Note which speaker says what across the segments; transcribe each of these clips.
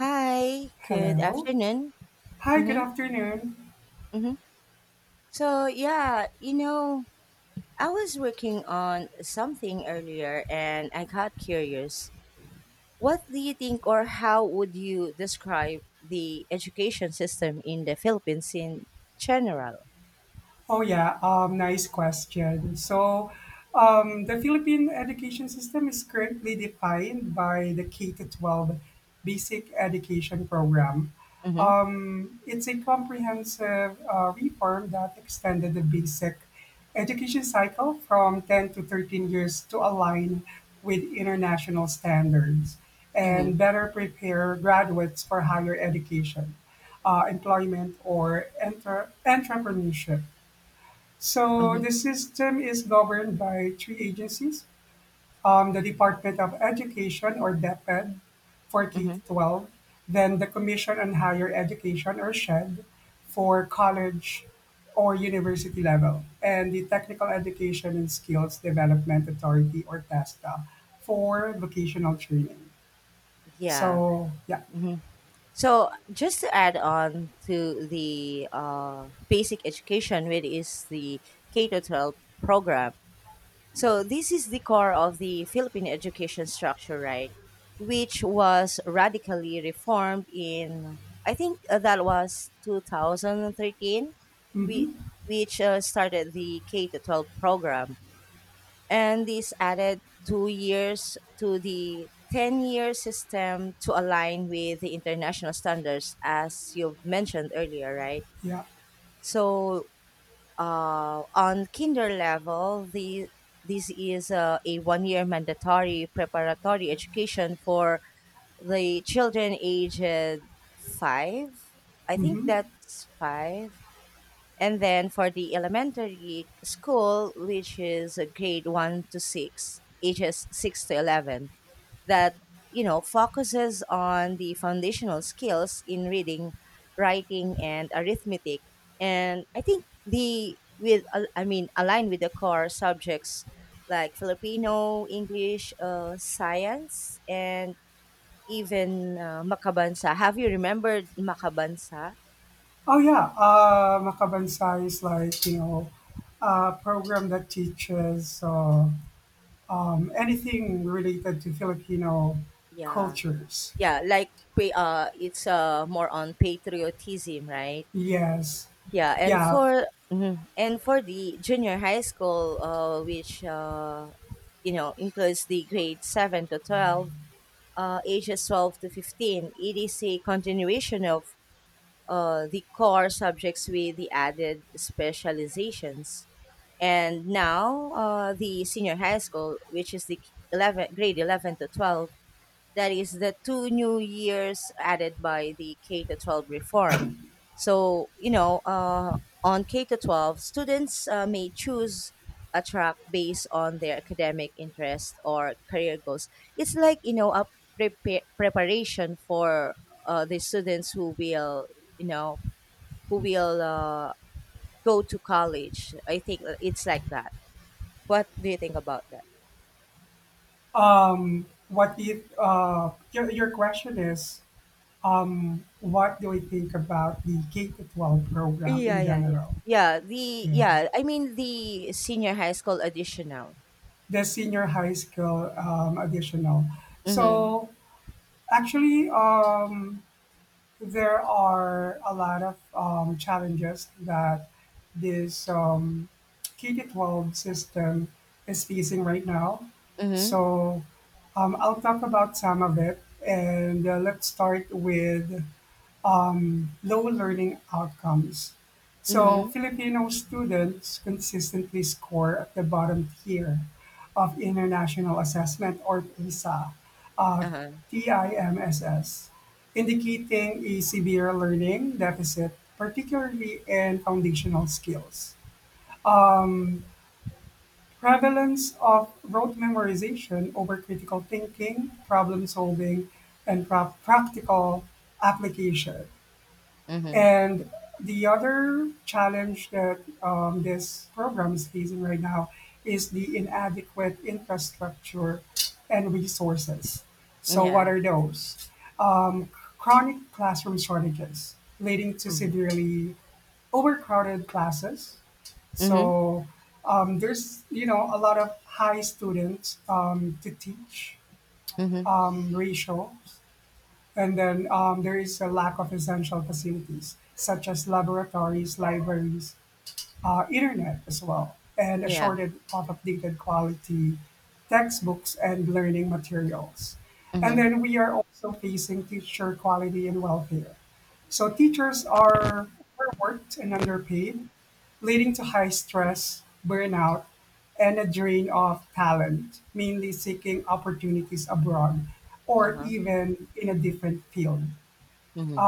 Speaker 1: Hi, good
Speaker 2: Hello.
Speaker 1: afternoon.
Speaker 2: Hi, good
Speaker 1: Mm-hmm,
Speaker 2: afternoon.
Speaker 1: mm-hmm. So, yeah, you know, I was working on something earlier and I got curious. What do you think, or how would you describe the education system in the Philippines in general?
Speaker 2: Oh yeah, nice question. So, the Philippine education system is currently defined by the K to 12 basic education program.
Speaker 1: Mm-hmm,
Speaker 2: It's a comprehensive reform that extended the basic education cycle from 10 to 13 years to align with international standards and
Speaker 1: mm-hmm,
Speaker 2: better prepare graduates for higher education, employment, or enter entrepreneurship. So
Speaker 1: mm-hmm,
Speaker 2: the system is governed by three agencies: the Department of Education, or DepEd, for K
Speaker 1: mm-hmm.
Speaker 2: 12, then the Commission on Higher Education, or SHED, for college or university level, and the Technical Education and Skills Development Authority, or TESDA, for vocational training.
Speaker 1: Yeah.
Speaker 2: So yeah,
Speaker 1: Mm-hmm. So, just to add on to the basic education, which is the K to 12 program. So this is the core of the Philippine education structure, right? Which was radically reformed in, I think, that was 2013, we,
Speaker 2: hmm
Speaker 1: which started the K to 12 program, and this added 2 years to the 10-year system to align with the international standards, as you've mentioned earlier, right?
Speaker 2: yeah.
Speaker 1: So, on kinder level, the this is a 1 year mandatory preparatory education for the children aged five. I think
Speaker 2: hmm
Speaker 1: that's five. And then for the elementary school, which is grade one to six, ages six to 11, that, you know, focuses on the foundational skills in reading, writing, and arithmetic. And I think the with al- I mean aligned with the core subjects like Filipino, English, science, and even Makabansa. Have you remembered Makabansa?
Speaker 2: Oh yeah, Makabansai is like a program that teaches anything related to Filipino
Speaker 1: Yeah.
Speaker 2: cultures.
Speaker 1: Yeah, like, it's more on patriotism, right?
Speaker 2: Yes,
Speaker 1: Yeah, and
Speaker 2: yeah.
Speaker 1: for mhm. And for the junior high school, which you know, includes the grade 7 to 12, ages 12 to 15. It is a continuation of the core subjects with the added specializations. And now, the senior high school, which is the 11, grade 11 to 12, that is the two new years added by the K to 12 reform. So, you know, on K to 12, students may choose a track based on their academic interest or career goals. It's like, you know, a preparation for the students who will, you know, who will go to college. I think it's like that. What do you think about that?
Speaker 2: Your question is, what do we think about the K to 12 program
Speaker 1: Yeah,
Speaker 2: in
Speaker 1: yeah, yeah.
Speaker 2: general?
Speaker 1: Yeah, the
Speaker 2: Yeah,
Speaker 1: yeah, I mean the senior high school edition now.
Speaker 2: the senior high school additional.
Speaker 1: Mhm.
Speaker 2: So actually, there are a lot of challenges that this K to 12 system is facing right now.
Speaker 1: Mhm.
Speaker 2: So I'll talk about some of it, and let's start with low learning outcomes. So
Speaker 1: Mhm.
Speaker 2: Filipino students consistently score at the bottom tier of international assessment, or PISA, uh,
Speaker 1: Uh-huh.
Speaker 2: TIMSS, indicating a severe learning deficit, particularly in foundational skills. Prevalence of rote memorization over critical thinking, problem solving, and practical application.
Speaker 1: Mhm.
Speaker 2: And the other challenge that this program is facing right now is the inadequate infrastructure and resources. So, what
Speaker 1: Yeah.
Speaker 2: are those? Um, Chronic classroom shortages leading to
Speaker 1: Mhm.
Speaker 2: severely overcrowded classes.
Speaker 1: Mhm.
Speaker 2: So there's a lot of high students to teach
Speaker 1: Mhm.
Speaker 2: ratio. And then there is a lack of essential facilities, such as laboratories, libraries, internet as well, and a
Speaker 1: Yeah.
Speaker 2: shortage of updated quality textbooks and learning materials. And
Speaker 1: Mhm.
Speaker 2: then we are also facing teacher quality and welfare. So teachers are overworked and underpaid, leading to high stress, burnout, and a drain of talent, mainly seeking opportunities abroad or
Speaker 1: Uh-huh.
Speaker 2: even in a different field.
Speaker 1: Mhm.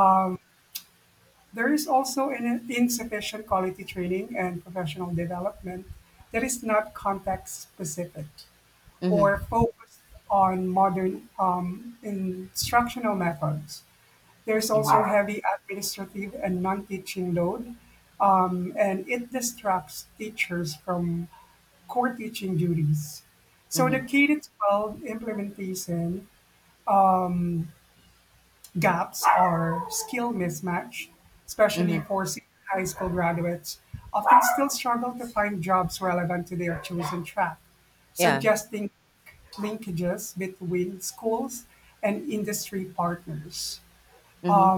Speaker 2: There is also an insufficient quality training and professional development that is not context specific
Speaker 1: Mhm.
Speaker 2: or focused on modern instructional methods. There's also
Speaker 1: Mhm.
Speaker 2: heavy administrative and non teaching load, and it distracts teachers from core teaching duties. So the
Speaker 1: Mhm.
Speaker 2: K 12 implementation gaps or skill mismatch, especially
Speaker 1: Mhm.
Speaker 2: for senior high school graduates, often still struggle to find jobs relevant to their chosen track,
Speaker 1: Yeah.
Speaker 2: suggesting linkages between schools and industry partners.
Speaker 1: Mhm.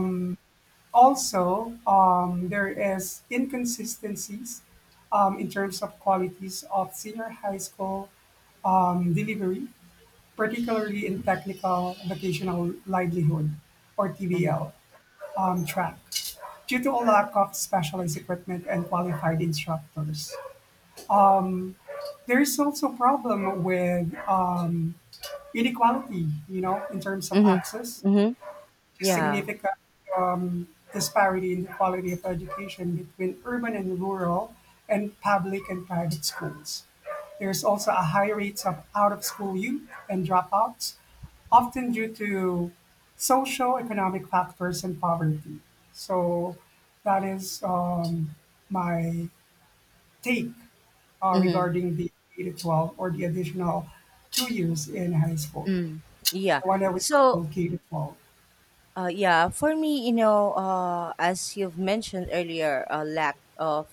Speaker 2: Also, there is inconsistencies in terms of qualities of senior high school delivery, particularly in technical vocational livelihood, or
Speaker 1: Mhm.
Speaker 2: TVL, on track, due to a lack of specialized equipment and qualified instructors. There is also problem with inequality, in terms of
Speaker 1: Mhm.
Speaker 2: access,
Speaker 1: Mhm. Yeah.
Speaker 2: significant disparity in the quality of education between urban and rural and public and private schools. There's also a high rates of out of school youth and dropouts, often due to social economic factors and poverty. So that is my take
Speaker 1: Mhm.
Speaker 2: regarding the 8 to 12, or the additional 2 years in high school.
Speaker 1: Mm. Yeah.
Speaker 2: The one that was
Speaker 1: So
Speaker 2: called K to 12.
Speaker 1: Yeah, for me, you know, as you've mentioned earlier, lack of,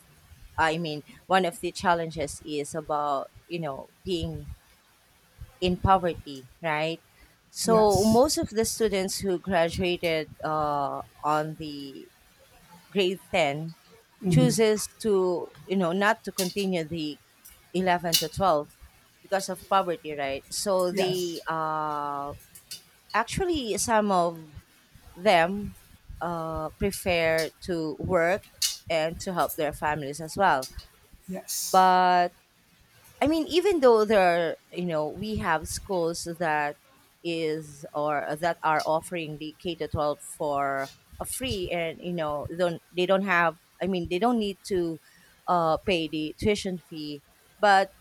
Speaker 1: I mean, one of the challenges is about, you know, being in poverty, right? So
Speaker 2: Yes.
Speaker 1: most of the students who graduated on the grade 10
Speaker 2: Mhm.
Speaker 1: chooses to, you know, not to continue the 11 to 12 because of poverty, right? So they
Speaker 2: Yes.
Speaker 1: actually, some of them prefer to work and to help their families as well.
Speaker 2: Yes.
Speaker 1: But I mean, even though there are, you know, we have schools that is or that are offering the K to 12 for a free and, you know, don't, they don't have, I mean, they don't need to pay the tuition fee. But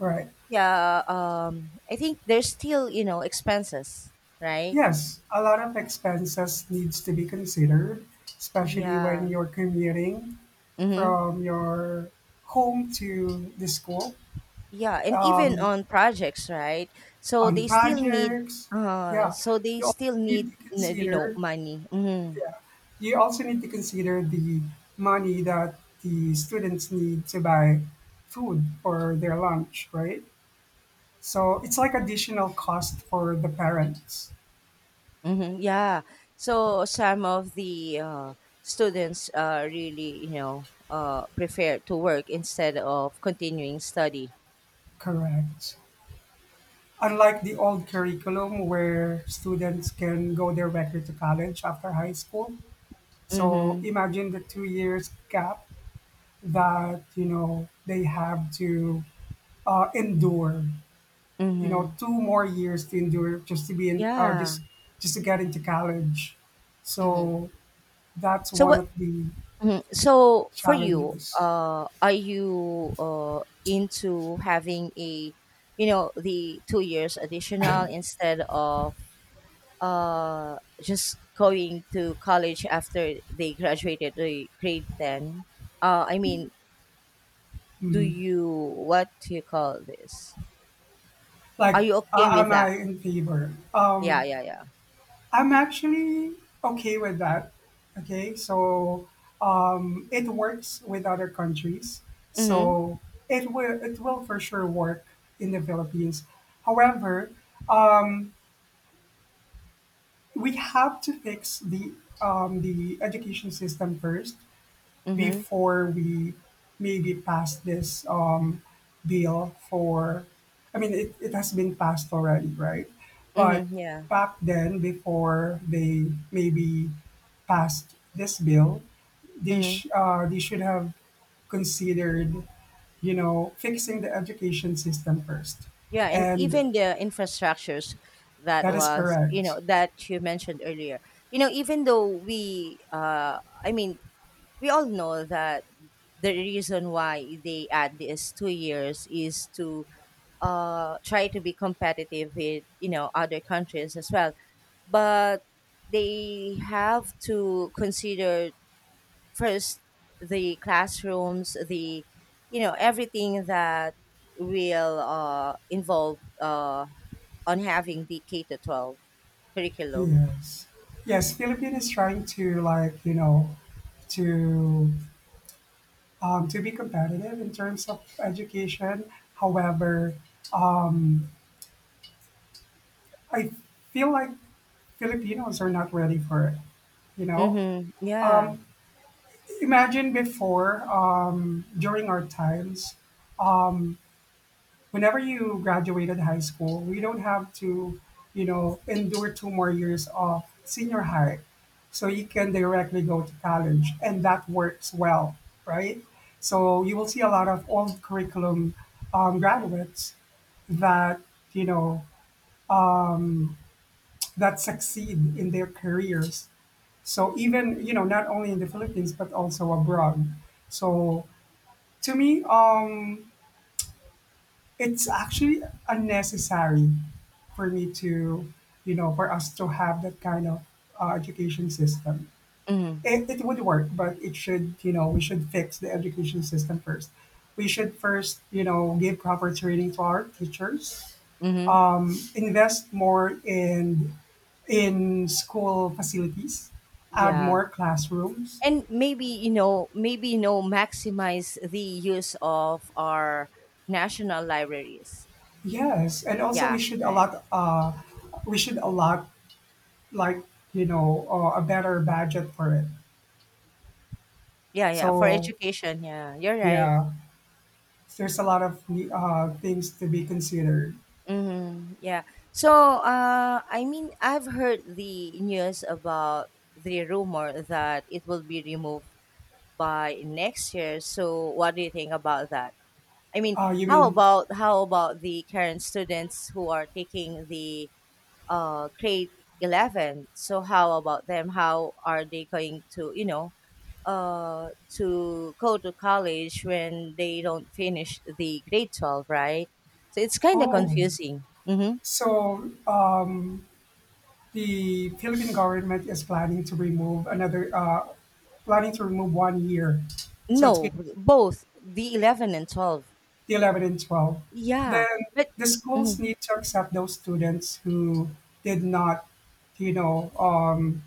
Speaker 2: Right.
Speaker 1: yeah, I think there's still, you know, expenses, right?
Speaker 2: Yes, a lot of expenses needs to be considered, especially when
Speaker 1: Yeah.
Speaker 2: you're commuting
Speaker 1: Mm-hmm.
Speaker 2: from your home to the school
Speaker 1: Yeah, and even on projects, right? So
Speaker 2: on
Speaker 1: they still need
Speaker 2: projects. Yeah, you also need to
Speaker 1: you know,
Speaker 2: consider.
Speaker 1: money. Mhm.
Speaker 2: Yeah, you also need to consider the money that the students need to buy food for their lunch, right? So it's like additional cost for the parents.
Speaker 1: Mhm. Yeah. So some of the students really, you know, prefer to work instead of continuing study.
Speaker 2: Correct. Unlike the old curriculum, where students can go directly to college after high school. So
Speaker 1: Mhm.
Speaker 2: imagine the 2 years gap that, they have to endure,
Speaker 1: Mhm.
Speaker 2: two more years to endure, just to be in, uh,
Speaker 1: Yeah.
Speaker 2: just, just to get into college.
Speaker 1: Mhm.
Speaker 2: So that's
Speaker 1: So
Speaker 2: one
Speaker 1: what.
Speaker 2: of the
Speaker 1: Mhm. So for you,
Speaker 2: challenges.
Speaker 1: are you into having a, you know, the 2 years additional instead of just going to college after they graduated the grade ten? I mean, do
Speaker 2: Mhm.
Speaker 1: you what do you call this? Are
Speaker 2: Like,
Speaker 1: you okay with
Speaker 2: am I
Speaker 1: that?
Speaker 2: in favor?
Speaker 1: Yeah, yeah, yeah.
Speaker 2: I'm actually okay with that. Okay, so it works with other countries,
Speaker 1: Mhm.
Speaker 2: so it will for sure work in the Philippines. However, um, we have to fix the education system first
Speaker 1: Mhm.
Speaker 2: before we maybe pass this bill, for, I mean, it has been passed already, right? But
Speaker 1: Mhm. Yeah.
Speaker 2: back then, before they maybe passed this bill, they,
Speaker 1: Mhm.
Speaker 2: sh- uh, they should have considered, fixing the education system first.
Speaker 1: Yeah, and
Speaker 2: And
Speaker 1: even the infrastructures that
Speaker 2: that is
Speaker 1: was, you
Speaker 2: correct.
Speaker 1: know, that you mentioned earlier. You know, even though we, I mean, we all know that the reason why they add this 2 years is to try to be competitive with, you know, other countries as well. But they have to consider first the classrooms, the, you know, everything that will involve on having the K to 12 curriculum.
Speaker 2: Yes. Yes, Philippine is trying to like, you know, to to be competitive in terms of education. However, I feel like Filipinos are not ready for it. You know,
Speaker 1: Mm-hmm. Yeah.
Speaker 2: imagine before, during our times, whenever you graduated high school, we don't have to, endure two more years of senior high. So you can directly go to college, and that works well, right? So you will see a lot of old curriculum graduates that you know that succeed in their careers. So, even not only in the Philippines, but also abroad. So to me, it's actually unnecessary for me to you know for us to have that kind of education system.
Speaker 1: Mm-hmm.
Speaker 2: It would work, but it should you know we should fix the education system first. We should first give proper training to our teachers,
Speaker 1: Mm-hmm.
Speaker 2: invest more in school facilities, add
Speaker 1: Yeah,
Speaker 2: more classrooms.
Speaker 1: and maybe, you know, maximize the use of our national libraries.
Speaker 2: Yes, and also
Speaker 1: Yeah, right.
Speaker 2: we should allot, like, a better budget for it.
Speaker 1: Yeah, yeah, for
Speaker 2: So
Speaker 1: education, yeah, you're right.
Speaker 2: yeah, there's a lot of things to be considered.
Speaker 1: Mm-hmm. Yeah. So, I mean, I've heard the news about the rumor that it will be removed by next year. So, what do you think about that? I mean,
Speaker 2: You mean?
Speaker 1: how about the current students who are taking the grade 11? So, how about them? How are they going to, you know, uh, to go to college when they don't finish the grade 12? Right. So, it's kind of
Speaker 2: Oh,
Speaker 1: confusing. Mm-hmm.
Speaker 2: so, the Philippine government is planning to remove another, planning to remove 1 year. So it's
Speaker 1: No, both the 11 and 12.
Speaker 2: the 11 and 12,
Speaker 1: Yeah,
Speaker 2: then
Speaker 1: but
Speaker 2: the schools
Speaker 1: mhm,
Speaker 2: need to accept those students who did not, you know, um,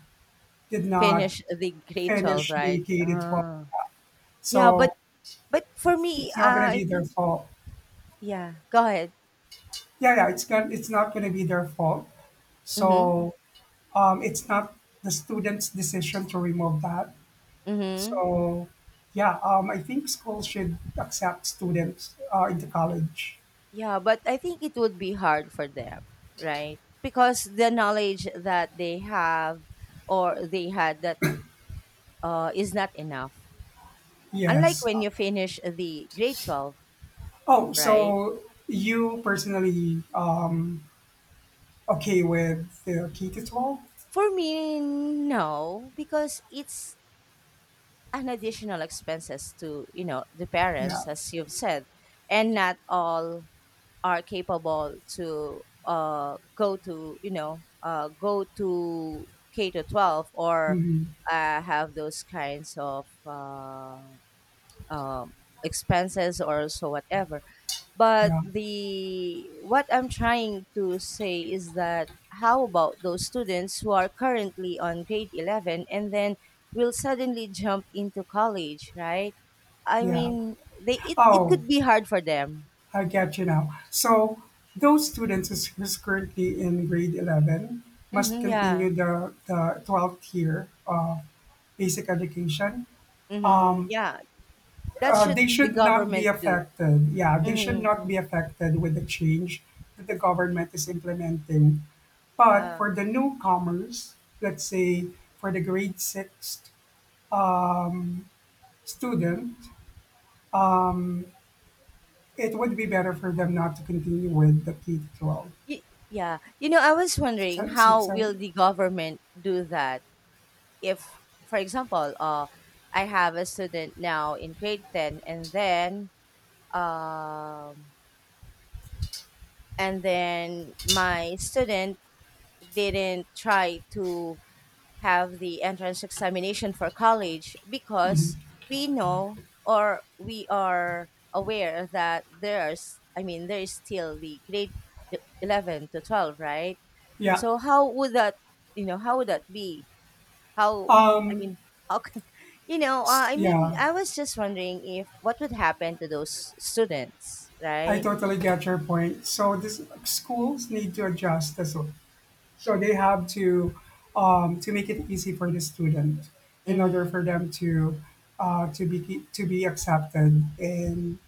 Speaker 2: did not
Speaker 1: finish the grade 12,
Speaker 2: finish the
Speaker 1: right?
Speaker 2: K to 12.
Speaker 1: Ah. Yeah, but
Speaker 2: So
Speaker 1: but for me,
Speaker 2: it's not going to
Speaker 1: I
Speaker 2: be their
Speaker 1: think.
Speaker 2: fault.
Speaker 1: Yeah, go ahead.
Speaker 2: Yeah, yeah, it's not going to be their fault.
Speaker 1: Mhm.
Speaker 2: So it's not the student's decision to remove that.
Speaker 1: Mhm.
Speaker 2: So yeah, I think schools should accept students into college.
Speaker 1: Yeah, but I think it would be hard for them, right? Because the knowledge that they have or they had that is not enough. Unlike
Speaker 2: Yes.
Speaker 1: when you finish the grade 12,
Speaker 2: Oh,
Speaker 1: right?
Speaker 2: so you personally, okay, with the ketotol?
Speaker 1: For me, no, because it's an additional expenses to, you know, the
Speaker 2: Yeah.
Speaker 1: parents as you've said, and not all are capable to go to, you know, go to K to 12 or
Speaker 2: Mhm.
Speaker 1: have those kinds of um expenses or so whatever. But
Speaker 2: Yeah.
Speaker 1: the what I'm trying to say is that how about those students who are currently on grade 11 and then will suddenly jump into college, right? I
Speaker 2: Yeah.
Speaker 1: mean, they it, it
Speaker 2: Oh,
Speaker 1: could be hard for them.
Speaker 2: I get you now. So those students who's currently in grade 11 must
Speaker 1: Hmm, yeah.
Speaker 2: continue the 12th year of basic education.
Speaker 1: Hmm, yeah. That
Speaker 2: They
Speaker 1: should the
Speaker 2: should not be
Speaker 1: government do.
Speaker 2: affected. Yeah, they should
Speaker 1: Mm-hmm,
Speaker 2: not
Speaker 1: mm.
Speaker 2: be affected with the change that the government is implementing. But
Speaker 1: Yeah.
Speaker 2: for the newcomers, let's say for the grade 6th student, it would be better for them not to continue with the K to 12.
Speaker 1: Y- yeah. You know, I was wondering
Speaker 2: Six, six,
Speaker 1: how will
Speaker 2: seven.
Speaker 1: the government do that? If for example, I have a student now in grade 10 and then, um and then my student didn't try to have the entrance examination for college because we know, or we are aware that there's, I mean, there is still the grade e-, 11 to 12, right?
Speaker 2: Yeah.
Speaker 1: So how would that, you know, how would that be, how, I
Speaker 2: Um,
Speaker 1: mean, how can you know,
Speaker 2: s-
Speaker 1: I mean,
Speaker 2: yeah,
Speaker 1: I was just wondering if what would happen to those students,
Speaker 2: I
Speaker 1: right?
Speaker 2: totally get your point. So this schools need to adjust this one. So they have to make it easy for the student in order
Speaker 1: Mm-hmm.
Speaker 2: for them to be accepted in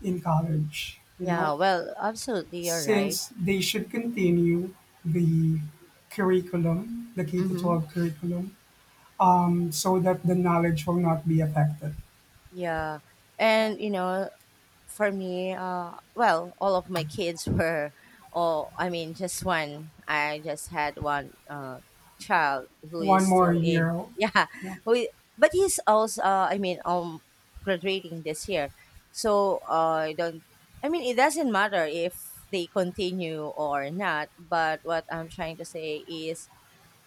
Speaker 2: in college,
Speaker 1: Yeah, well, absolutely, you're right.
Speaker 2: since they should continue the curriculum, the K to
Speaker 1: Mm-hmm.
Speaker 2: 12 curriculum, so that the knowledge will not be affected.
Speaker 1: Yeah, and you know, for me, well, all of my kids were, oh, I mean, just one. I just had one child who is
Speaker 2: One more
Speaker 1: still in,
Speaker 2: year.
Speaker 1: yeah,
Speaker 2: You
Speaker 1: We, but he's also, I mean, graduating this year. So, I don't, I mean, it doesn't matter if they continue or not. But what I'm trying to say is,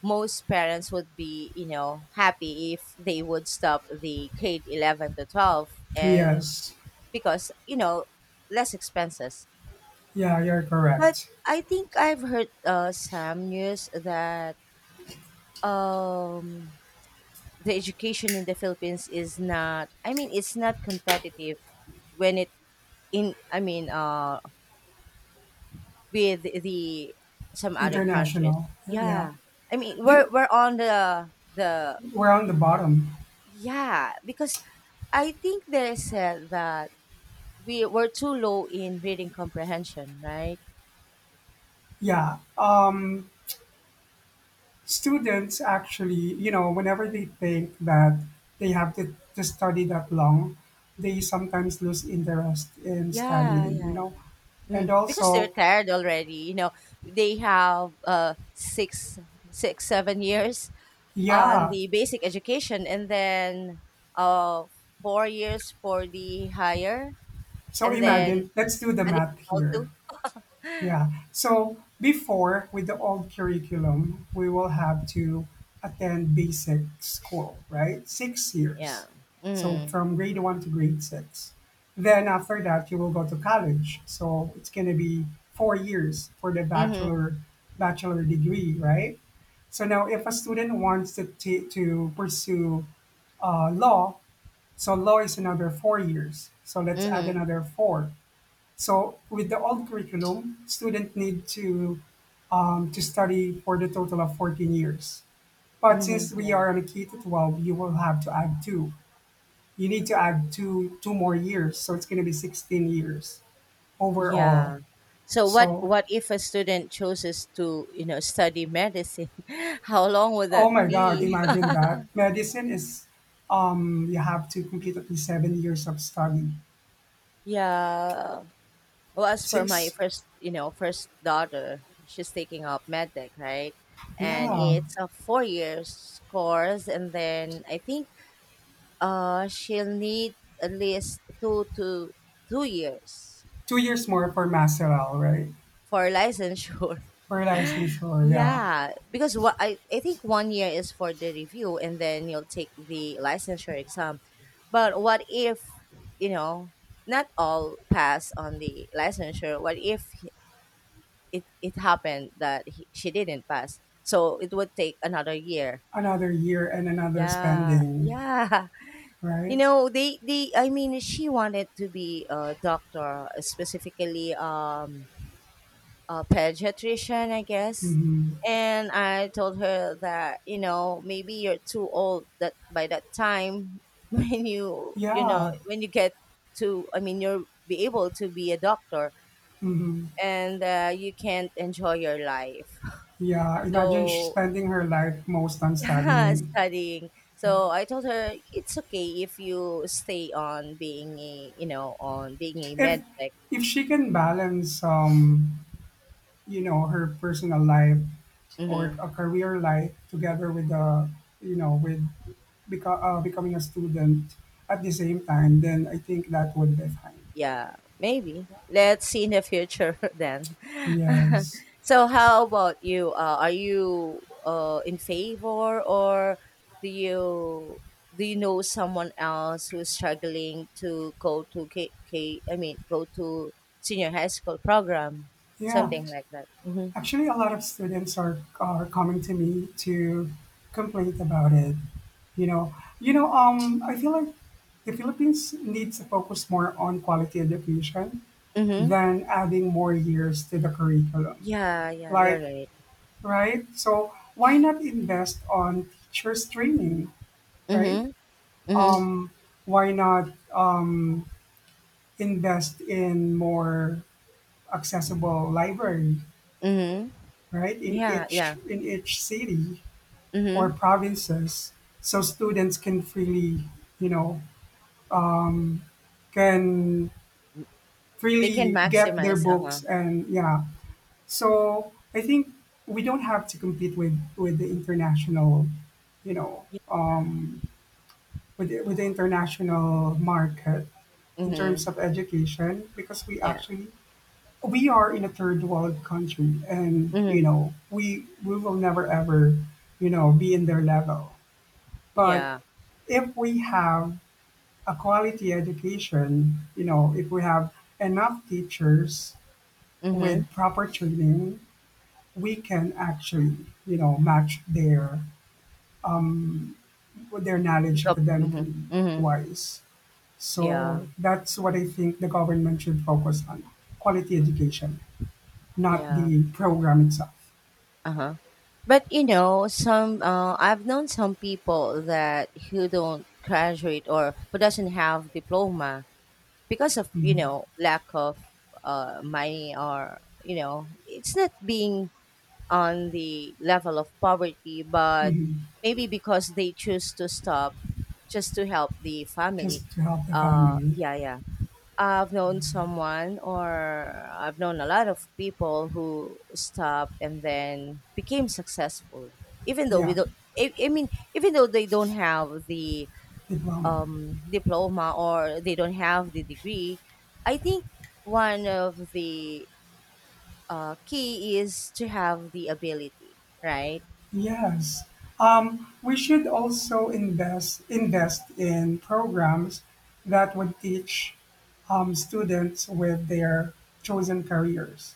Speaker 1: most parents would be, you know, happy if they would stop the grade 11 to 12 and
Speaker 2: Yes.
Speaker 1: because, you know, less expenses.
Speaker 2: Yeah, you're
Speaker 1: But
Speaker 2: correct.
Speaker 1: I think I've heard some news that, um, the education in the Philippines is not. I mean, it's not competitive when it in. I mean, with the some other countries.
Speaker 2: International. Yeah.
Speaker 1: Yeah, I mean, we're
Speaker 2: Do-
Speaker 1: we're on the the.
Speaker 2: We're on the bottom.
Speaker 1: Yeah, because I think they said that we were too low in reading comprehension, right?
Speaker 2: Yeah. Students actually, whenever they think that they have to study that long, they sometimes lose interest in
Speaker 1: Yeah,
Speaker 2: studying, you
Speaker 1: yeah.
Speaker 2: know.
Speaker 1: Mm,
Speaker 2: And
Speaker 1: because they're
Speaker 2: also,
Speaker 1: tired already, you know. They have 6, 6, 7 years on
Speaker 2: yeah.
Speaker 1: the basic education and then uh 4 years for the higher
Speaker 2: So
Speaker 1: and then
Speaker 2: imagine, let's do the math
Speaker 1: additional
Speaker 2: here.
Speaker 1: two.
Speaker 2: Yeah. So before, with the old curriculum, we will have to attend basic school, right? Six
Speaker 1: Yeah.
Speaker 2: years. So
Speaker 1: Mm-hmm.
Speaker 2: from grade one to grade six. Then after that, you will go to college. So it's going to be 4 years for the
Speaker 1: Mm-hmm.
Speaker 2: bachelor degree, right? So now, if a student wants to pursue law, so law is another 4 years. So let's add
Speaker 1: Mm-hmm.
Speaker 2: another four. So with the old curriculum, students need to study for the total of 14 years. But since
Speaker 1: Mm-hmm.
Speaker 2: we
Speaker 1: Yeah,
Speaker 2: are on a K to 12, you will have to add two. You need to add two more years, so it's going to be 16 years overall.
Speaker 1: yeah. So what
Speaker 2: So,
Speaker 1: what if a student chooses to, you know, study medicine how long would
Speaker 2: oh
Speaker 1: that
Speaker 2: my God,
Speaker 1: be?
Speaker 2: imagine that medicine is, you have to complete at least 7 years of study.
Speaker 1: Yeah. Well, as for my
Speaker 2: Six,
Speaker 1: first, you know, first daughter, she's taking up medtech, right? And
Speaker 2: yeah,
Speaker 1: it's a 4 years course, and then I think she'll need at least 2 to 2 years
Speaker 2: 2 years more for masteral, right?
Speaker 1: for licensure.
Speaker 2: For licensure, yeah.
Speaker 1: Yeah, because what I think 1 year is for the review, and then you'll take the licensure exam. But what if, you know, not all pass on the licensure? What if it happened that she didn't pass, so it would take another year.
Speaker 2: Another year and another
Speaker 1: Yeah,
Speaker 2: spending,
Speaker 1: yeah. You
Speaker 2: right?
Speaker 1: know, they I mean she wanted to be a doctor, specifically, a pediatrician, I guess.
Speaker 2: Mhm.
Speaker 1: And I told her that, you know, maybe you're too old that by that time when you know,
Speaker 2: Yeah.
Speaker 1: when you get to, I mean, you'll be able to be a doctor,
Speaker 2: Mhm.
Speaker 1: and you can't enjoy your life,
Speaker 2: Yeah. Imagine
Speaker 1: so
Speaker 2: spending her life most on
Speaker 1: Yeah,
Speaker 2: studying.
Speaker 1: studying.
Speaker 2: Yeah.
Speaker 1: So I told her it's okay if you stay on being a, you know, on being a
Speaker 2: If
Speaker 1: med tech.
Speaker 2: if she can balance, her personal life or
Speaker 1: Hmm.
Speaker 2: a career life, together with becoming a student at the same time, then I think that would be fine.
Speaker 1: Yeah, maybe. Let's see in the future then.
Speaker 2: Yes.
Speaker 1: So how about you? Are you in favor, or do you, do you know someone else who's struggling to go to K, I mean, go to senior high school program,
Speaker 2: Yeah.
Speaker 1: something like that? Mm-hmm.
Speaker 2: Actually, a lot of students are coming to me to complain about it. You know, I feel like the Philippines needs to focus more on quality education
Speaker 1: Mm-hmm.
Speaker 2: than adding more years to the curriculum.
Speaker 1: Yeah, yeah, you're
Speaker 2: Like,
Speaker 1: right.
Speaker 2: right? So why not invest on teachers training, right?
Speaker 1: Mhm, mhm,
Speaker 2: Um, why not invest in more accessible library,
Speaker 1: mhm.
Speaker 2: right? In
Speaker 1: Yeah,
Speaker 2: each
Speaker 1: yeah.
Speaker 2: in each city, or
Speaker 1: Mhm.
Speaker 2: provinces, so students can freely you know can
Speaker 1: They can
Speaker 2: get their
Speaker 1: maximize. Uh huh.
Speaker 2: books and yeah. So I think we don't have to compete with the international you know with the international market in terms
Speaker 1: Mhm.
Speaker 2: of education, because we
Speaker 1: Yeah.
Speaker 2: actually we are in a third world country, and you
Speaker 1: Mhm.
Speaker 2: know we will never ever be in their level. But
Speaker 1: Yeah.
Speaker 2: if we have a quality education, if we have enough teachers
Speaker 1: Mhm.
Speaker 2: with proper training, we can actually, match their knowledge
Speaker 1: Pick up.
Speaker 2: academically
Speaker 1: Mhm. Mhm.
Speaker 2: wise.
Speaker 1: Yeah.
Speaker 2: So that's what I think the government should focus on: quality education, not
Speaker 1: Yeah.
Speaker 2: the program itself.
Speaker 1: Uh huh. But you know, some I've known some people that who don't graduate or who doesn't have diploma because of you
Speaker 2: Mhm,
Speaker 1: know lack of money or you know it's not being on the level of poverty, but
Speaker 2: mhm.
Speaker 1: maybe because they choose to stop just to help the family.
Speaker 2: Just to help the family.
Speaker 1: Yeah, yeah. I've known someone, or I've known a lot of people who stop and then became successful, even though we
Speaker 2: Yeah,
Speaker 1: don't. I mean, even though they don't have the
Speaker 2: diploma.
Speaker 1: diploma or they don't have the degree, I think one of the key is to have the ability, right?
Speaker 2: Yes. We should also invest in programs that would teach students with their chosen careers.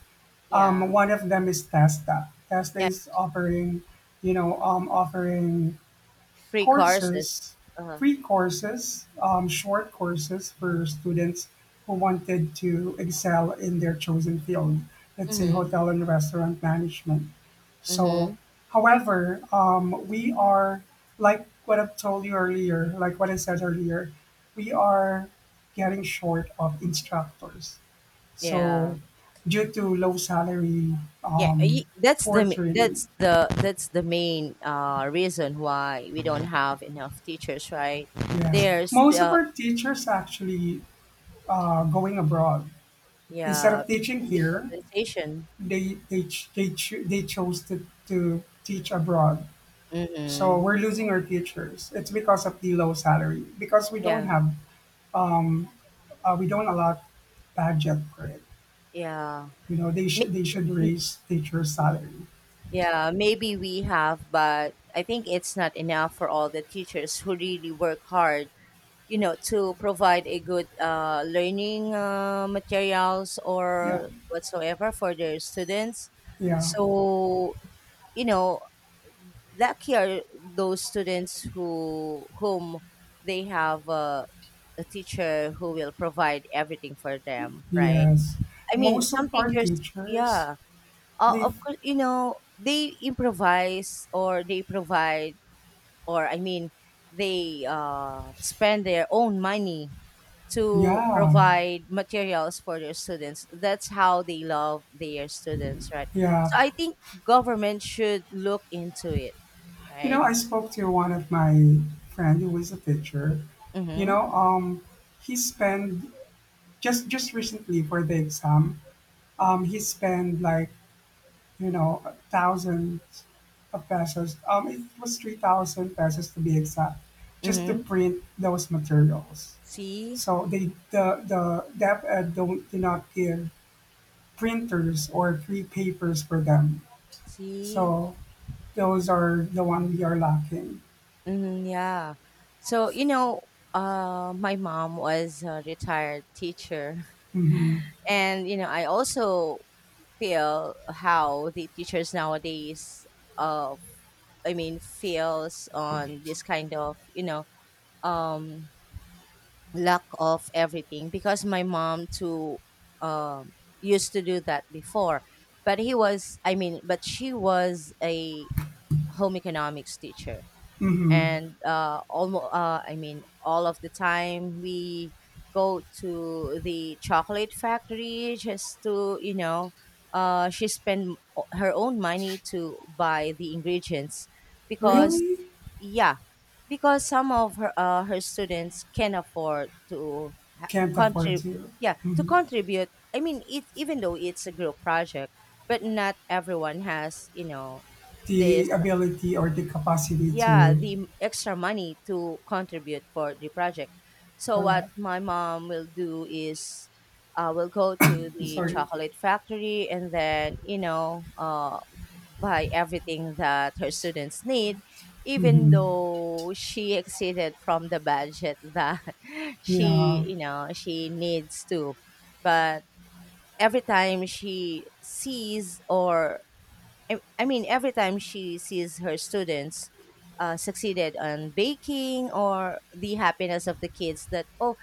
Speaker 1: Yeah.
Speaker 2: One of them is TESTA. TESTA
Speaker 1: Yeah,
Speaker 2: is offering, you know, um, offering
Speaker 1: free courses.
Speaker 2: courses,
Speaker 1: Uh-huh.
Speaker 2: free courses, short courses for students who wanted to excel in their chosen field, let's say
Speaker 1: Mhm.
Speaker 2: hotel and restaurant management. So,
Speaker 1: Mhm.
Speaker 2: however, we are, like what I said earlier, we are getting short of instructors.
Speaker 1: Yeah.
Speaker 2: So, due to low salary,
Speaker 1: Yeah, y
Speaker 2: um,
Speaker 1: that's the
Speaker 2: poor
Speaker 1: m
Speaker 2: training,
Speaker 1: that's the main, reason why we don't have enough teachers, right?
Speaker 2: yes.
Speaker 1: There's
Speaker 2: Most of
Speaker 1: are still
Speaker 2: our teachers actually going abroad. Instead
Speaker 1: yeah,
Speaker 2: of teaching
Speaker 1: because of the
Speaker 2: here,
Speaker 1: compensation.
Speaker 2: they chose to teach abroad. So
Speaker 1: Mhm.
Speaker 2: we're losing our teachers. It's because of the low salary, because
Speaker 1: Yeah.
Speaker 2: we don't allot budget for it.
Speaker 1: Yeah.
Speaker 2: They should
Speaker 1: Maybe
Speaker 2: raise teachers' salary.
Speaker 1: yeah, maybe we have, but I think it's not enough for all the teachers who really work hard you know to provide a good learning materials
Speaker 2: Yeah,
Speaker 1: or whatsoever for their students,
Speaker 2: yeah,
Speaker 1: so you know lucky are those students whom they have a teacher who will provide everything for them, right?
Speaker 2: yes.
Speaker 1: I mean
Speaker 2: Most of
Speaker 1: some
Speaker 2: our
Speaker 1: teachers,
Speaker 2: teachers,
Speaker 1: yeah,
Speaker 2: they,
Speaker 1: of course you know they improvise or they provide or I mean they spend their own money to
Speaker 2: yeah,
Speaker 1: provide materials for their students. That's how they love their students, right? So
Speaker 2: yeah.
Speaker 1: I think government should look into it, right?
Speaker 2: I spoke to one of my friend who was a teacher. You
Speaker 1: Mm-hmm.
Speaker 2: know, um, he spent just recently for the exam. He spent like you know thousands of pesos. It was 3,000 pesos to be exact, just to
Speaker 1: Mm-hmm.
Speaker 2: print those materials.
Speaker 1: See,
Speaker 2: So the dep ed don't do not give printers or free papers for them.
Speaker 1: see,
Speaker 2: So those are the one we are lacking.
Speaker 1: mm-hmm, yeah. So you know, my mom was a retired teacher,
Speaker 2: Mm-hmm.
Speaker 1: and you know, I also feel how the teachers nowadays, uh, I mean, feels on this kind of you know um lack of everything because my mom too um, used to do that before, but he was I mean but she was a home economics teacher,
Speaker 2: Mm-hmm.
Speaker 1: and almost I mean all of the time we go to the chocolate factory just to you know she spend her own money to buy the ingredients because
Speaker 2: Really
Speaker 1: yeah because some of her her students can afford to
Speaker 2: can't afford
Speaker 1: contribute,
Speaker 2: to.
Speaker 1: yeah to
Speaker 2: Mhm.
Speaker 1: contribute, I mean it even though it's a group project, but not everyone has you know this
Speaker 2: The ability or the capacity
Speaker 1: yeah
Speaker 2: to.
Speaker 1: the extra money to contribute for the project, so what
Speaker 2: Correct.
Speaker 1: my mom will do is will go to the
Speaker 2: Sorry.
Speaker 1: chocolate factory and then you know buy everything that her students need even
Speaker 2: Hmm.
Speaker 1: though she exceeded from the budget that
Speaker 2: Yeah,
Speaker 1: she you know she needs to. But every time she sees or I mean, every time she sees her students succeeded on baking or the happiness of the kids that, oh,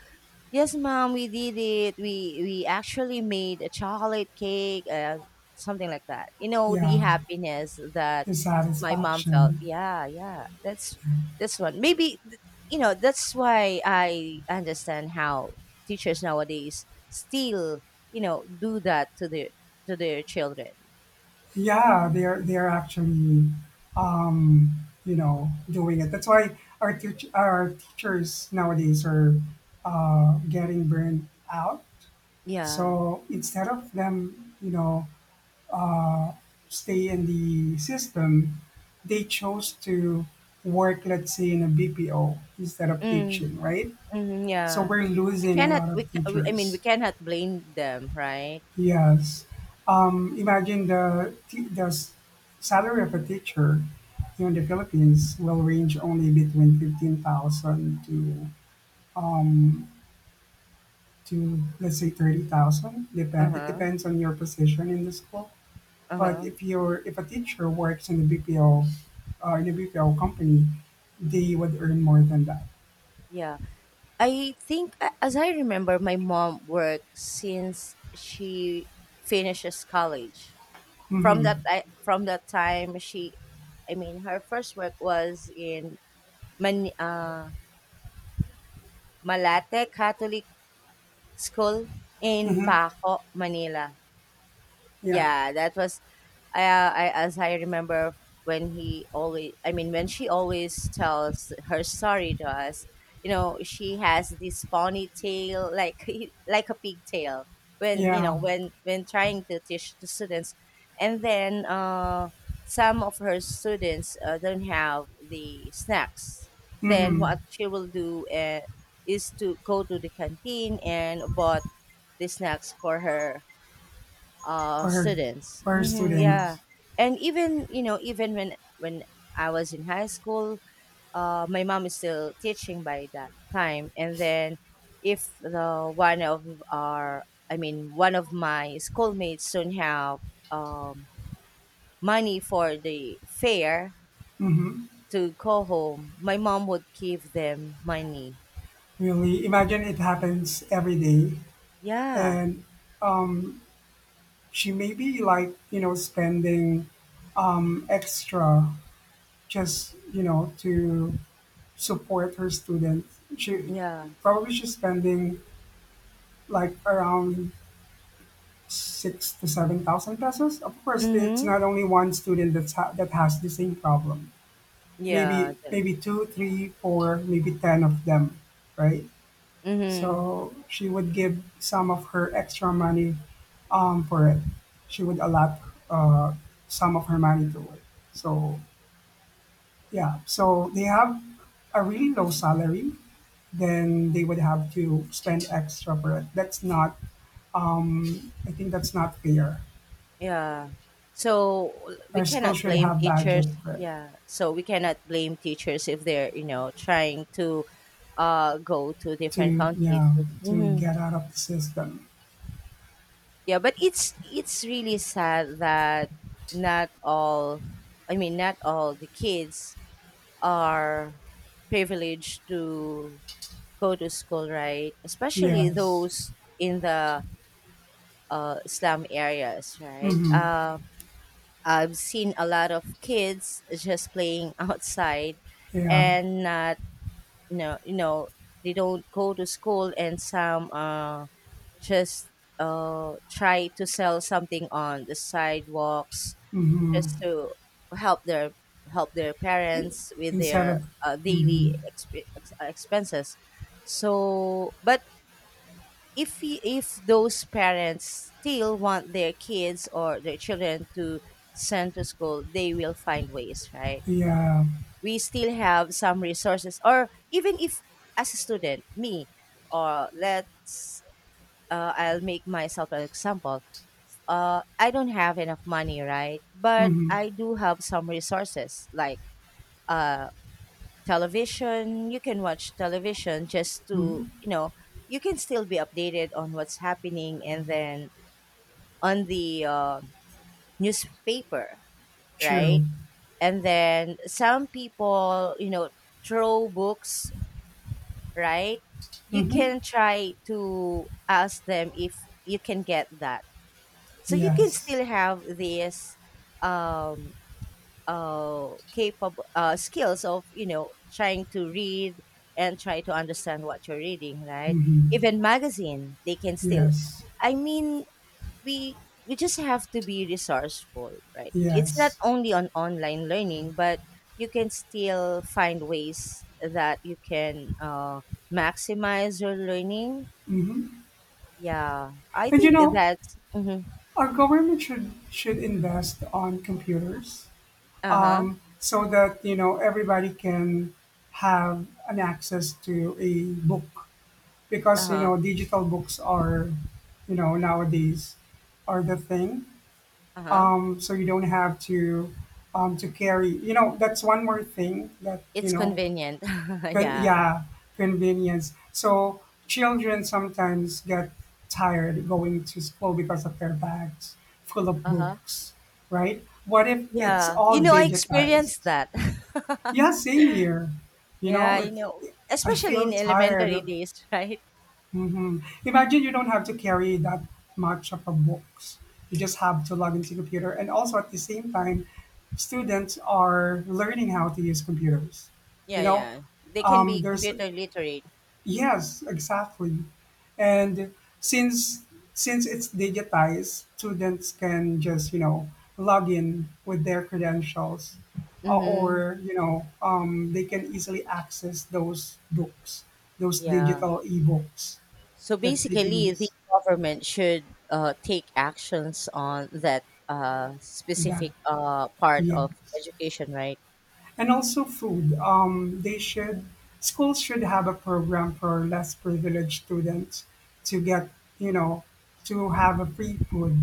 Speaker 1: yes, mom, we did it. We actually made a chocolate cake, something like that. You know, the
Speaker 2: yeah,
Speaker 1: happiness that
Speaker 2: the
Speaker 1: my mom felt.
Speaker 2: satisfaction.
Speaker 1: Yeah, yeah. That's this one. Maybe, you know, that's why I understand how teachers nowadays still, you know, do that to their children.
Speaker 2: Yeah, they're actually, um, doing it. That's why our teachers nowadays are getting burned out.
Speaker 1: Yeah.
Speaker 2: So instead of them, stay in the system, they chose to work, let's say, in a BPO instead of
Speaker 1: Mm.
Speaker 2: teaching, right?
Speaker 1: Mhm,
Speaker 2: So
Speaker 1: yeah.
Speaker 2: we're
Speaker 1: We
Speaker 2: losing a
Speaker 1: cannot
Speaker 2: lot of
Speaker 1: we ca we I mean, we
Speaker 2: teachers.
Speaker 1: cannot blame them, right?
Speaker 2: Yes. Imagine the, the salary of a teacher here in the Philippines will range only between 15,000 to let's say 30,000. Depend it
Speaker 1: Uh-huh.
Speaker 2: depends on your position in the school. But
Speaker 1: Uh-huh.
Speaker 2: if a teacher works in the BPO, in a BPO company, they would earn more than that.
Speaker 1: Yeah. I think as I remember my mom worked since she finishes college. From that
Speaker 2: Mm-hmm.
Speaker 1: I from that time she I mean her first work was in Man Malate Catholic School in
Speaker 2: Mm-hmm.
Speaker 1: Paco, Manila.
Speaker 2: Yeah.
Speaker 1: Yeah, that was I as I remember when he always I mean when she always tells her story to us, you know, she has this ponytail like like a pigtail when you
Speaker 2: Yeah.
Speaker 1: know when trying to teach the students, and then some of her students don't have the snacks. Then
Speaker 2: Mm-hmm.
Speaker 1: what she will do is to go to the canteen and bought the snacks for her
Speaker 2: For her
Speaker 1: students,
Speaker 2: for her
Speaker 1: hmm yeah.
Speaker 2: students.
Speaker 1: And even you know even when I was in high school, my mom is still teaching by that time, and then if the one of our I mean one of my schoolmates don't have um money for the fare
Speaker 2: Mm-hmm.
Speaker 1: to go home, my mom would give them money.
Speaker 2: Really, imagine it happens every day,
Speaker 1: Yeah,
Speaker 2: and she may be like, spending extra just, to support her students. She
Speaker 1: yeah,
Speaker 2: she's spending like around six to seven thousand pesos. Of course, it's not
Speaker 1: mm-hmm,
Speaker 2: only one student that has the same problem.
Speaker 1: yeah,
Speaker 2: Maybe two, three, four, maybe 10 of them, right?
Speaker 1: mm-hmm.
Speaker 2: So she would give some of her extra money, for it. She would allot, uh, some of her money to it. So yeah, so they have a really low salary, then they would have to spend extra for it. That's not. I think that's not fair.
Speaker 1: Yeah. So we
Speaker 2: Our school
Speaker 1: cannot
Speaker 2: should
Speaker 1: blame
Speaker 2: have
Speaker 1: teachers.
Speaker 2: budget for it
Speaker 1: Yeah. So we cannot blame teachers if they're, you know, trying to go to a different
Speaker 2: to,
Speaker 1: country
Speaker 2: yeah,
Speaker 1: to.
Speaker 2: to
Speaker 1: Mhm.
Speaker 2: get out of the system.
Speaker 1: Yeah, but it's really sad that not all not all the kids are privileged to go to school, right? Especially
Speaker 2: Yes.
Speaker 1: those in the slum areas, right?
Speaker 2: Mm-hmm.
Speaker 1: Uh, I've seen a lot of kids just playing outside
Speaker 2: Yeah.
Speaker 1: and not, you know, you know they don't go to school, and some just try to sell something on the sidewalks just
Speaker 2: Mm-hmm.
Speaker 1: to help their, help their parents with
Speaker 2: Instead of.
Speaker 1: their
Speaker 2: Mm-hmm.
Speaker 1: daily expenses. So but if if those parents still want their kids or their children to send to school, they will find ways, right?
Speaker 2: Yeah.
Speaker 1: We still have some resources, or even if, as a student me, or let's I'll make myself an example, I don't have enough money, right, but
Speaker 2: Mm-hmm.
Speaker 1: I do have some resources like uh, television. You can watch television just
Speaker 2: Hmm.
Speaker 1: to you know you can still be updated on what's happening, and then on the newspaper, right?
Speaker 2: True.
Speaker 1: And then some people, you know, throw books, right? You
Speaker 2: Hmm.
Speaker 1: can try to ask them if you can get that. So you can
Speaker 2: Yes.
Speaker 1: still have this um, capable skills of, you know, trying to read and try to understand what you're reading, right?
Speaker 2: Hmm.
Speaker 1: Even magazine, they can still.
Speaker 2: Yes.
Speaker 1: I mean, we we just have to be resourceful, right? It's not
Speaker 2: Yes.
Speaker 1: only on online learning, but you can still find ways that you can maximize your learning.
Speaker 2: Hmm.
Speaker 1: Yeah, I
Speaker 2: And
Speaker 1: think that's mhm.
Speaker 2: our government should invest on computers,
Speaker 1: Uh-huh.
Speaker 2: so that everybody can have an access to a book, because
Speaker 1: Uh-huh.
Speaker 2: digital books are you know nowadays are the thing.
Speaker 1: Uh-huh.
Speaker 2: So you don't have to, carry. That's one more thing that you
Speaker 1: It's
Speaker 2: know
Speaker 1: convenient. Yeah.
Speaker 2: Yeah, convenience. So children sometimes get tired going to school because of their bags full of
Speaker 1: Uh-huh.
Speaker 2: books, right? What if it's
Speaker 1: Yeah,
Speaker 2: all
Speaker 1: you know I
Speaker 2: digitized?
Speaker 1: experienced that.
Speaker 2: Yeah, same here. You
Speaker 1: Yeah,
Speaker 2: know,
Speaker 1: you
Speaker 2: it,
Speaker 1: know,
Speaker 2: I
Speaker 1: especially in
Speaker 2: feel
Speaker 1: elementary
Speaker 2: tired.
Speaker 1: days. Right.
Speaker 2: Hmm. Imagine you don't have to carry that much of a books. You just have to log into computer, and also at the same time, students are learning how to use computers. You
Speaker 1: Yeah,
Speaker 2: know,
Speaker 1: yeah, they can be
Speaker 2: there's.
Speaker 1: computer literate.
Speaker 2: Yes, exactly. And since since it's digitized, students can just log in with their credentials, uh,
Speaker 1: Mm-hmm.
Speaker 2: or you know um, they can easily access those books, those
Speaker 1: Yeah.
Speaker 2: digital ebooks
Speaker 1: So
Speaker 2: that they can
Speaker 1: basically, the
Speaker 2: use.
Speaker 1: government should take actions on that
Speaker 2: That
Speaker 1: specific part
Speaker 2: Yeah,
Speaker 1: of education, right?
Speaker 2: and also food. They should schools should have a program for less privileged students to get you know to have a free food,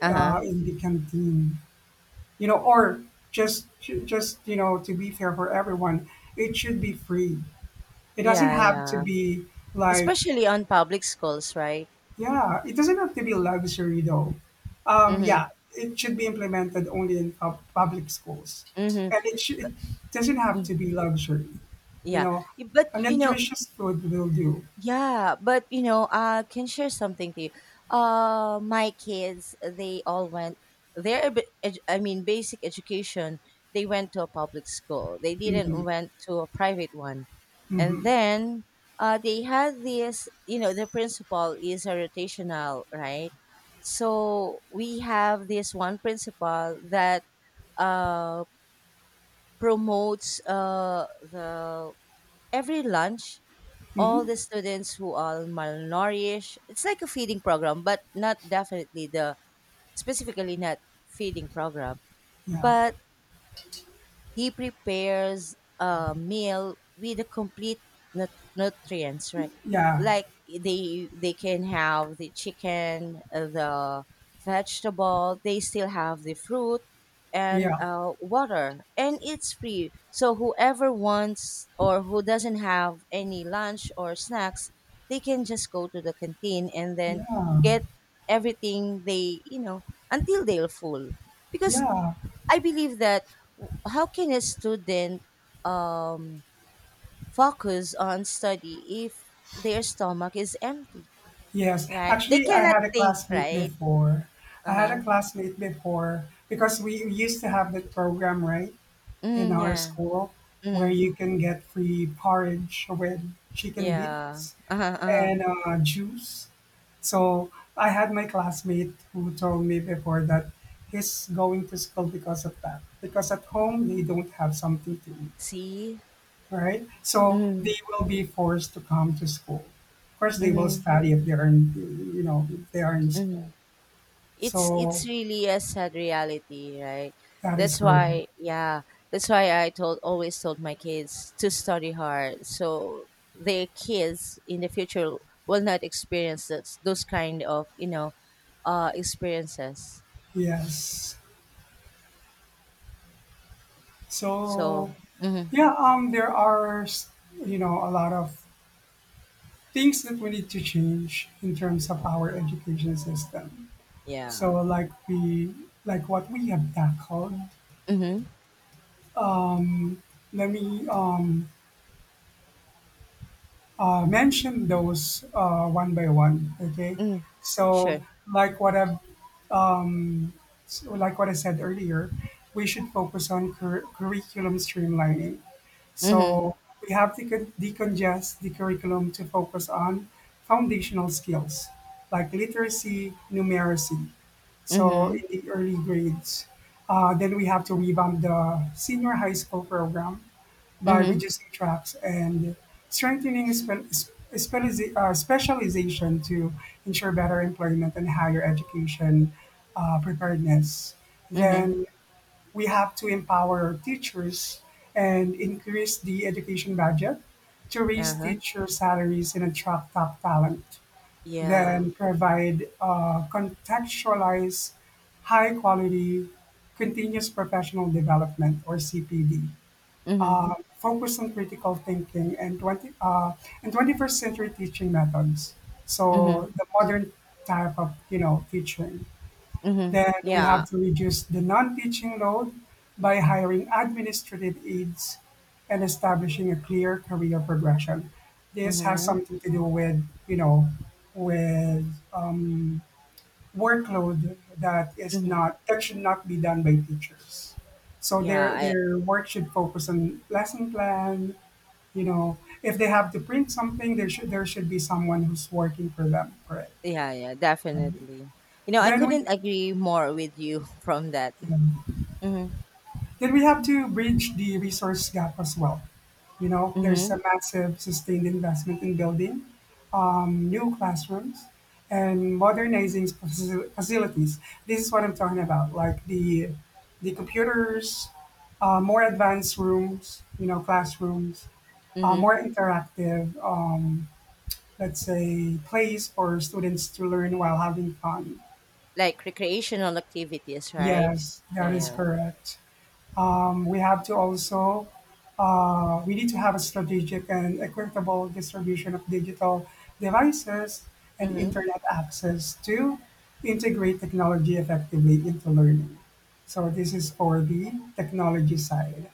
Speaker 1: Uh huh.
Speaker 2: in the canteen, you know, or just to be fair for everyone, it should be free. It doesn't
Speaker 1: Yeah,
Speaker 2: have to
Speaker 1: yeah.
Speaker 2: be like,
Speaker 1: Especially on public schools, right?
Speaker 2: yeah, it doesn't have to be luxury though.
Speaker 1: Mm-hmm.
Speaker 2: Yeah, it should be implemented only in public schools,
Speaker 1: Mm-hmm.
Speaker 2: and it doesn't have to
Speaker 1: Mm-hmm.
Speaker 2: be luxury. You
Speaker 1: Yeah.
Speaker 2: know, a
Speaker 1: But you know,
Speaker 2: nutritious food will do.
Speaker 1: yeah, but you know, I can share something to you. My kids, they all went their, I mean, basic education. They went to a public school. They didn't
Speaker 2: Hmm.
Speaker 1: went to a private one, and
Speaker 2: Hmm.
Speaker 1: then they had this. You know, the principal is a rotational, right? So we have this one principal that uh, promotes the every lunch all
Speaker 2: Hmm.
Speaker 1: the students who are malnourished. It's like a feeding program, but not definitely the specifically not feeding program.
Speaker 2: Yeah.
Speaker 1: But he prepares a meal with the complete nutrients, right?
Speaker 2: Yeah,
Speaker 1: Like they can have the chicken, the vegetable, they still have the fruit and
Speaker 2: yeah,
Speaker 1: water, and it's free, so whoever wants or who doesn't have any lunch or snacks, they can just go to the canteen and then
Speaker 2: yeah,
Speaker 1: get everything they you know until they're full, because
Speaker 2: yeah.
Speaker 1: I believe that how can a student um, focus on study if their stomach is empty,
Speaker 2: Yes,
Speaker 1: right? They
Speaker 2: actually, I
Speaker 1: cannot
Speaker 2: had a
Speaker 1: think,
Speaker 2: classmate
Speaker 1: right?
Speaker 2: before.
Speaker 1: Uh
Speaker 2: I had
Speaker 1: huh.
Speaker 2: a classmate before because we used to have that program, right, in
Speaker 1: Mm,
Speaker 2: our
Speaker 1: yeah.
Speaker 2: school, where
Speaker 1: Mm,
Speaker 2: you can get free porridge with chicken
Speaker 1: yeah.
Speaker 2: bits
Speaker 1: Uh huh. Uh
Speaker 2: and
Speaker 1: huh.
Speaker 2: juice. So I had my classmate who told me before that he's going to school because of that, because at home they don't have something to eat,
Speaker 1: See.
Speaker 2: right? So
Speaker 1: Mm.
Speaker 2: they will be forced to come to school. Of course, they will
Speaker 1: Mm.
Speaker 2: study if they are in, if they are in school.
Speaker 1: Mm. it's
Speaker 2: So
Speaker 1: it's really a sad reality, right?
Speaker 2: that is
Speaker 1: That's
Speaker 2: correct.
Speaker 1: why, yeah, that's why I told always told my kids to study hard, so their kids in the future will not experience those kind of you know experiences.
Speaker 2: Yes.
Speaker 1: So
Speaker 2: So
Speaker 1: mhm,
Speaker 2: yeah, there are, a lot of things that we need to change in terms of
Speaker 1: yeah,
Speaker 2: our education system. So
Speaker 1: yeah,
Speaker 2: like what we have tackled.
Speaker 1: mm-hmm,
Speaker 2: Let me, mention those, one by one. Okay.
Speaker 1: mm,
Speaker 2: So
Speaker 1: sure,
Speaker 2: Um, like what I said earlier, we should focus on curriculum streamlining.
Speaker 1: mm-hmm,
Speaker 2: So we have to decongest the curriculum to focus on foundational skills like literacy, numeracy. So
Speaker 1: mm-hmm,
Speaker 2: in the early grades, then we have to revamp the senior high school program by
Speaker 1: mm-hmm,
Speaker 2: reducing tracks and strengthening specialization to ensure better employment and higher education, preparedness.
Speaker 1: mm-hmm,
Speaker 2: Then we have to empower teachers and increase the education budget to raise
Speaker 1: uh-huh,
Speaker 2: teacher salaries and attract top talent.
Speaker 1: yeah,
Speaker 2: Then provide, contextualized, high quality, continuous professional development, or CPD.
Speaker 1: mm-hmm,
Speaker 2: Focus on critical thinking and 21st century teaching methods.
Speaker 1: mm-hmm,
Speaker 2: So the modern type of, teaching.
Speaker 1: mm-hmm,
Speaker 2: Then we
Speaker 1: yeah,
Speaker 2: have to reduce the non-teaching load by hiring administrative aides and establishing a clear career progression. This has
Speaker 1: mm-hmm,
Speaker 2: something to do withwith um, workload that is
Speaker 1: mm-hmm,
Speaker 2: not, that should not be done by teachers. So
Speaker 1: yeah.
Speaker 2: their
Speaker 1: I,
Speaker 2: their work should focus on lesson plan. You know, if they have to print something, there should be someone who's working for them for it.
Speaker 1: yeah, yeah,
Speaker 2: Um,
Speaker 1: definitely. You know, I
Speaker 2: Then we,
Speaker 1: couldn't agree more with you. From that. Mm-hmm.
Speaker 2: Then we have to bridge the resource gap as well. There's
Speaker 1: Mm-hmm.
Speaker 2: a massive sustained investment in building, new classrooms and modernizing facilities. This is what I'm talking about, like the computers, more advanced rooms, you know, classrooms,
Speaker 1: Mm-hmm.
Speaker 2: more interactive, let's say, place for students to learn while having fun.
Speaker 1: Like recreational activities, right?
Speaker 2: Yes,
Speaker 1: Yeah,
Speaker 2: that is
Speaker 1: yeah.
Speaker 2: correct. Um, we have to also we need to have a strategic and equitable distribution of digital devices and
Speaker 1: Mm-hmm.
Speaker 2: internet access to integrate technology effectively into learning. So this is for the technology side,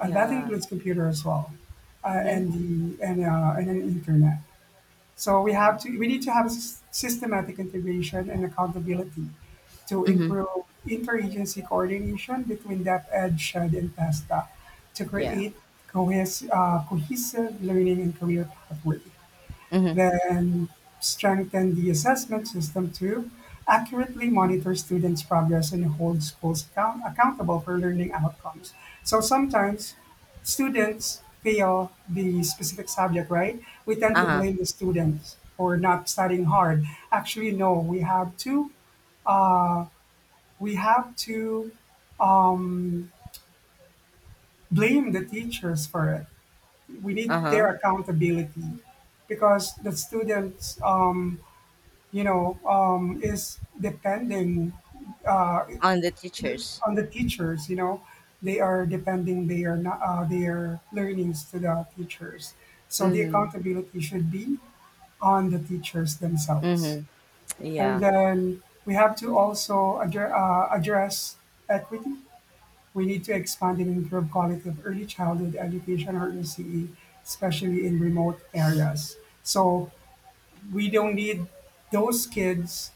Speaker 2: and that includes computer as well,
Speaker 1: Mm-hmm.
Speaker 2: and the and an internet. So
Speaker 1: Yeah.
Speaker 2: we need to have systematic integration and accountability to
Speaker 1: Mm-hmm.
Speaker 2: improve interagency coordination between DepEd, SHED, and TESTA to
Speaker 1: Yeah.
Speaker 2: create cohesive learning and career pathways.
Speaker 1: Mm-hmm.
Speaker 2: Then strengthen the assessment system to accurately monitor students' progress and hold schools accountable for learning outcomes. So sometimes students fail the specific subject, right? We tend to
Speaker 1: Uh-huh.
Speaker 2: blame the students for not studying hard. Actually, no, we have to, uh, we have to um, blame the teachers for it. We need
Speaker 1: Uh-huh.
Speaker 2: their accountability because the students, is depending, uh,
Speaker 1: On the teachers.
Speaker 2: on the teachers. They are depending their not their learnings to the teachers. So the
Speaker 1: Mm-hmm.
Speaker 2: accountability should be on the teachers themselves.
Speaker 1: Mm-hmm.
Speaker 2: And
Speaker 1: Yeah.
Speaker 2: then we have to also, address equity. We need to expand and improve quality of early childhood education, or ECE, especially in remote areas. So we don't need those kids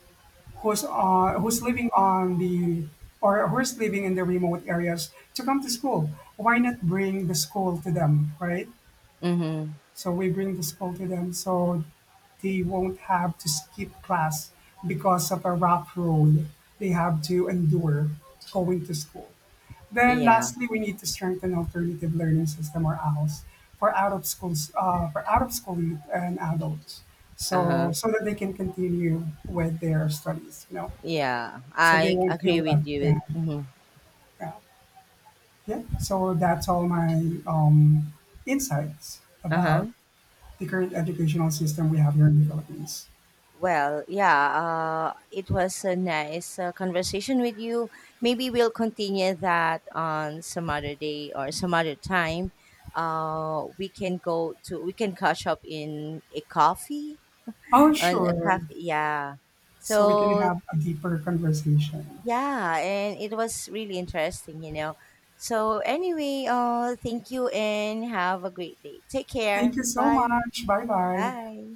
Speaker 2: who's living in the remote areas to come to school. Why not bring the school to them, right?
Speaker 1: Mm-hmm.
Speaker 2: So we bring the school to them, so they won't have to skip class because of a rough road they have to endure going to school. Then
Speaker 1: Yeah.
Speaker 2: lastly, we need to strengthen alternative learning system, or ALS, for out of school youth and adults, so
Speaker 1: Uh-huh.
Speaker 2: so that they can continue with their studies.
Speaker 1: Yeah,
Speaker 2: So they
Speaker 1: I
Speaker 2: won't feel
Speaker 1: agree with
Speaker 2: left
Speaker 1: you.
Speaker 2: behind.
Speaker 1: Mm-hmm.
Speaker 2: Yeah. Yeah. So that's all my, insights about
Speaker 1: Uh-huh.
Speaker 2: the current educational system we have here in the Philippines.
Speaker 1: Well, yeah, it was a nice conversation with you. Maybe we'll continue that on some other day or some other time. We can go to, we can catch up in a coffee,
Speaker 2: Oh,
Speaker 1: on a
Speaker 2: sure.
Speaker 1: cafe. Yeah.
Speaker 2: So we can
Speaker 1: So,
Speaker 2: have a deeper conversation.
Speaker 1: yeah, and it was really interesting, you know. So, anyway, thank you and have a great day. Take
Speaker 2: Thank
Speaker 1: care.
Speaker 2: you so
Speaker 1: Bye.
Speaker 2: much. Bye bye.
Speaker 1: Bye.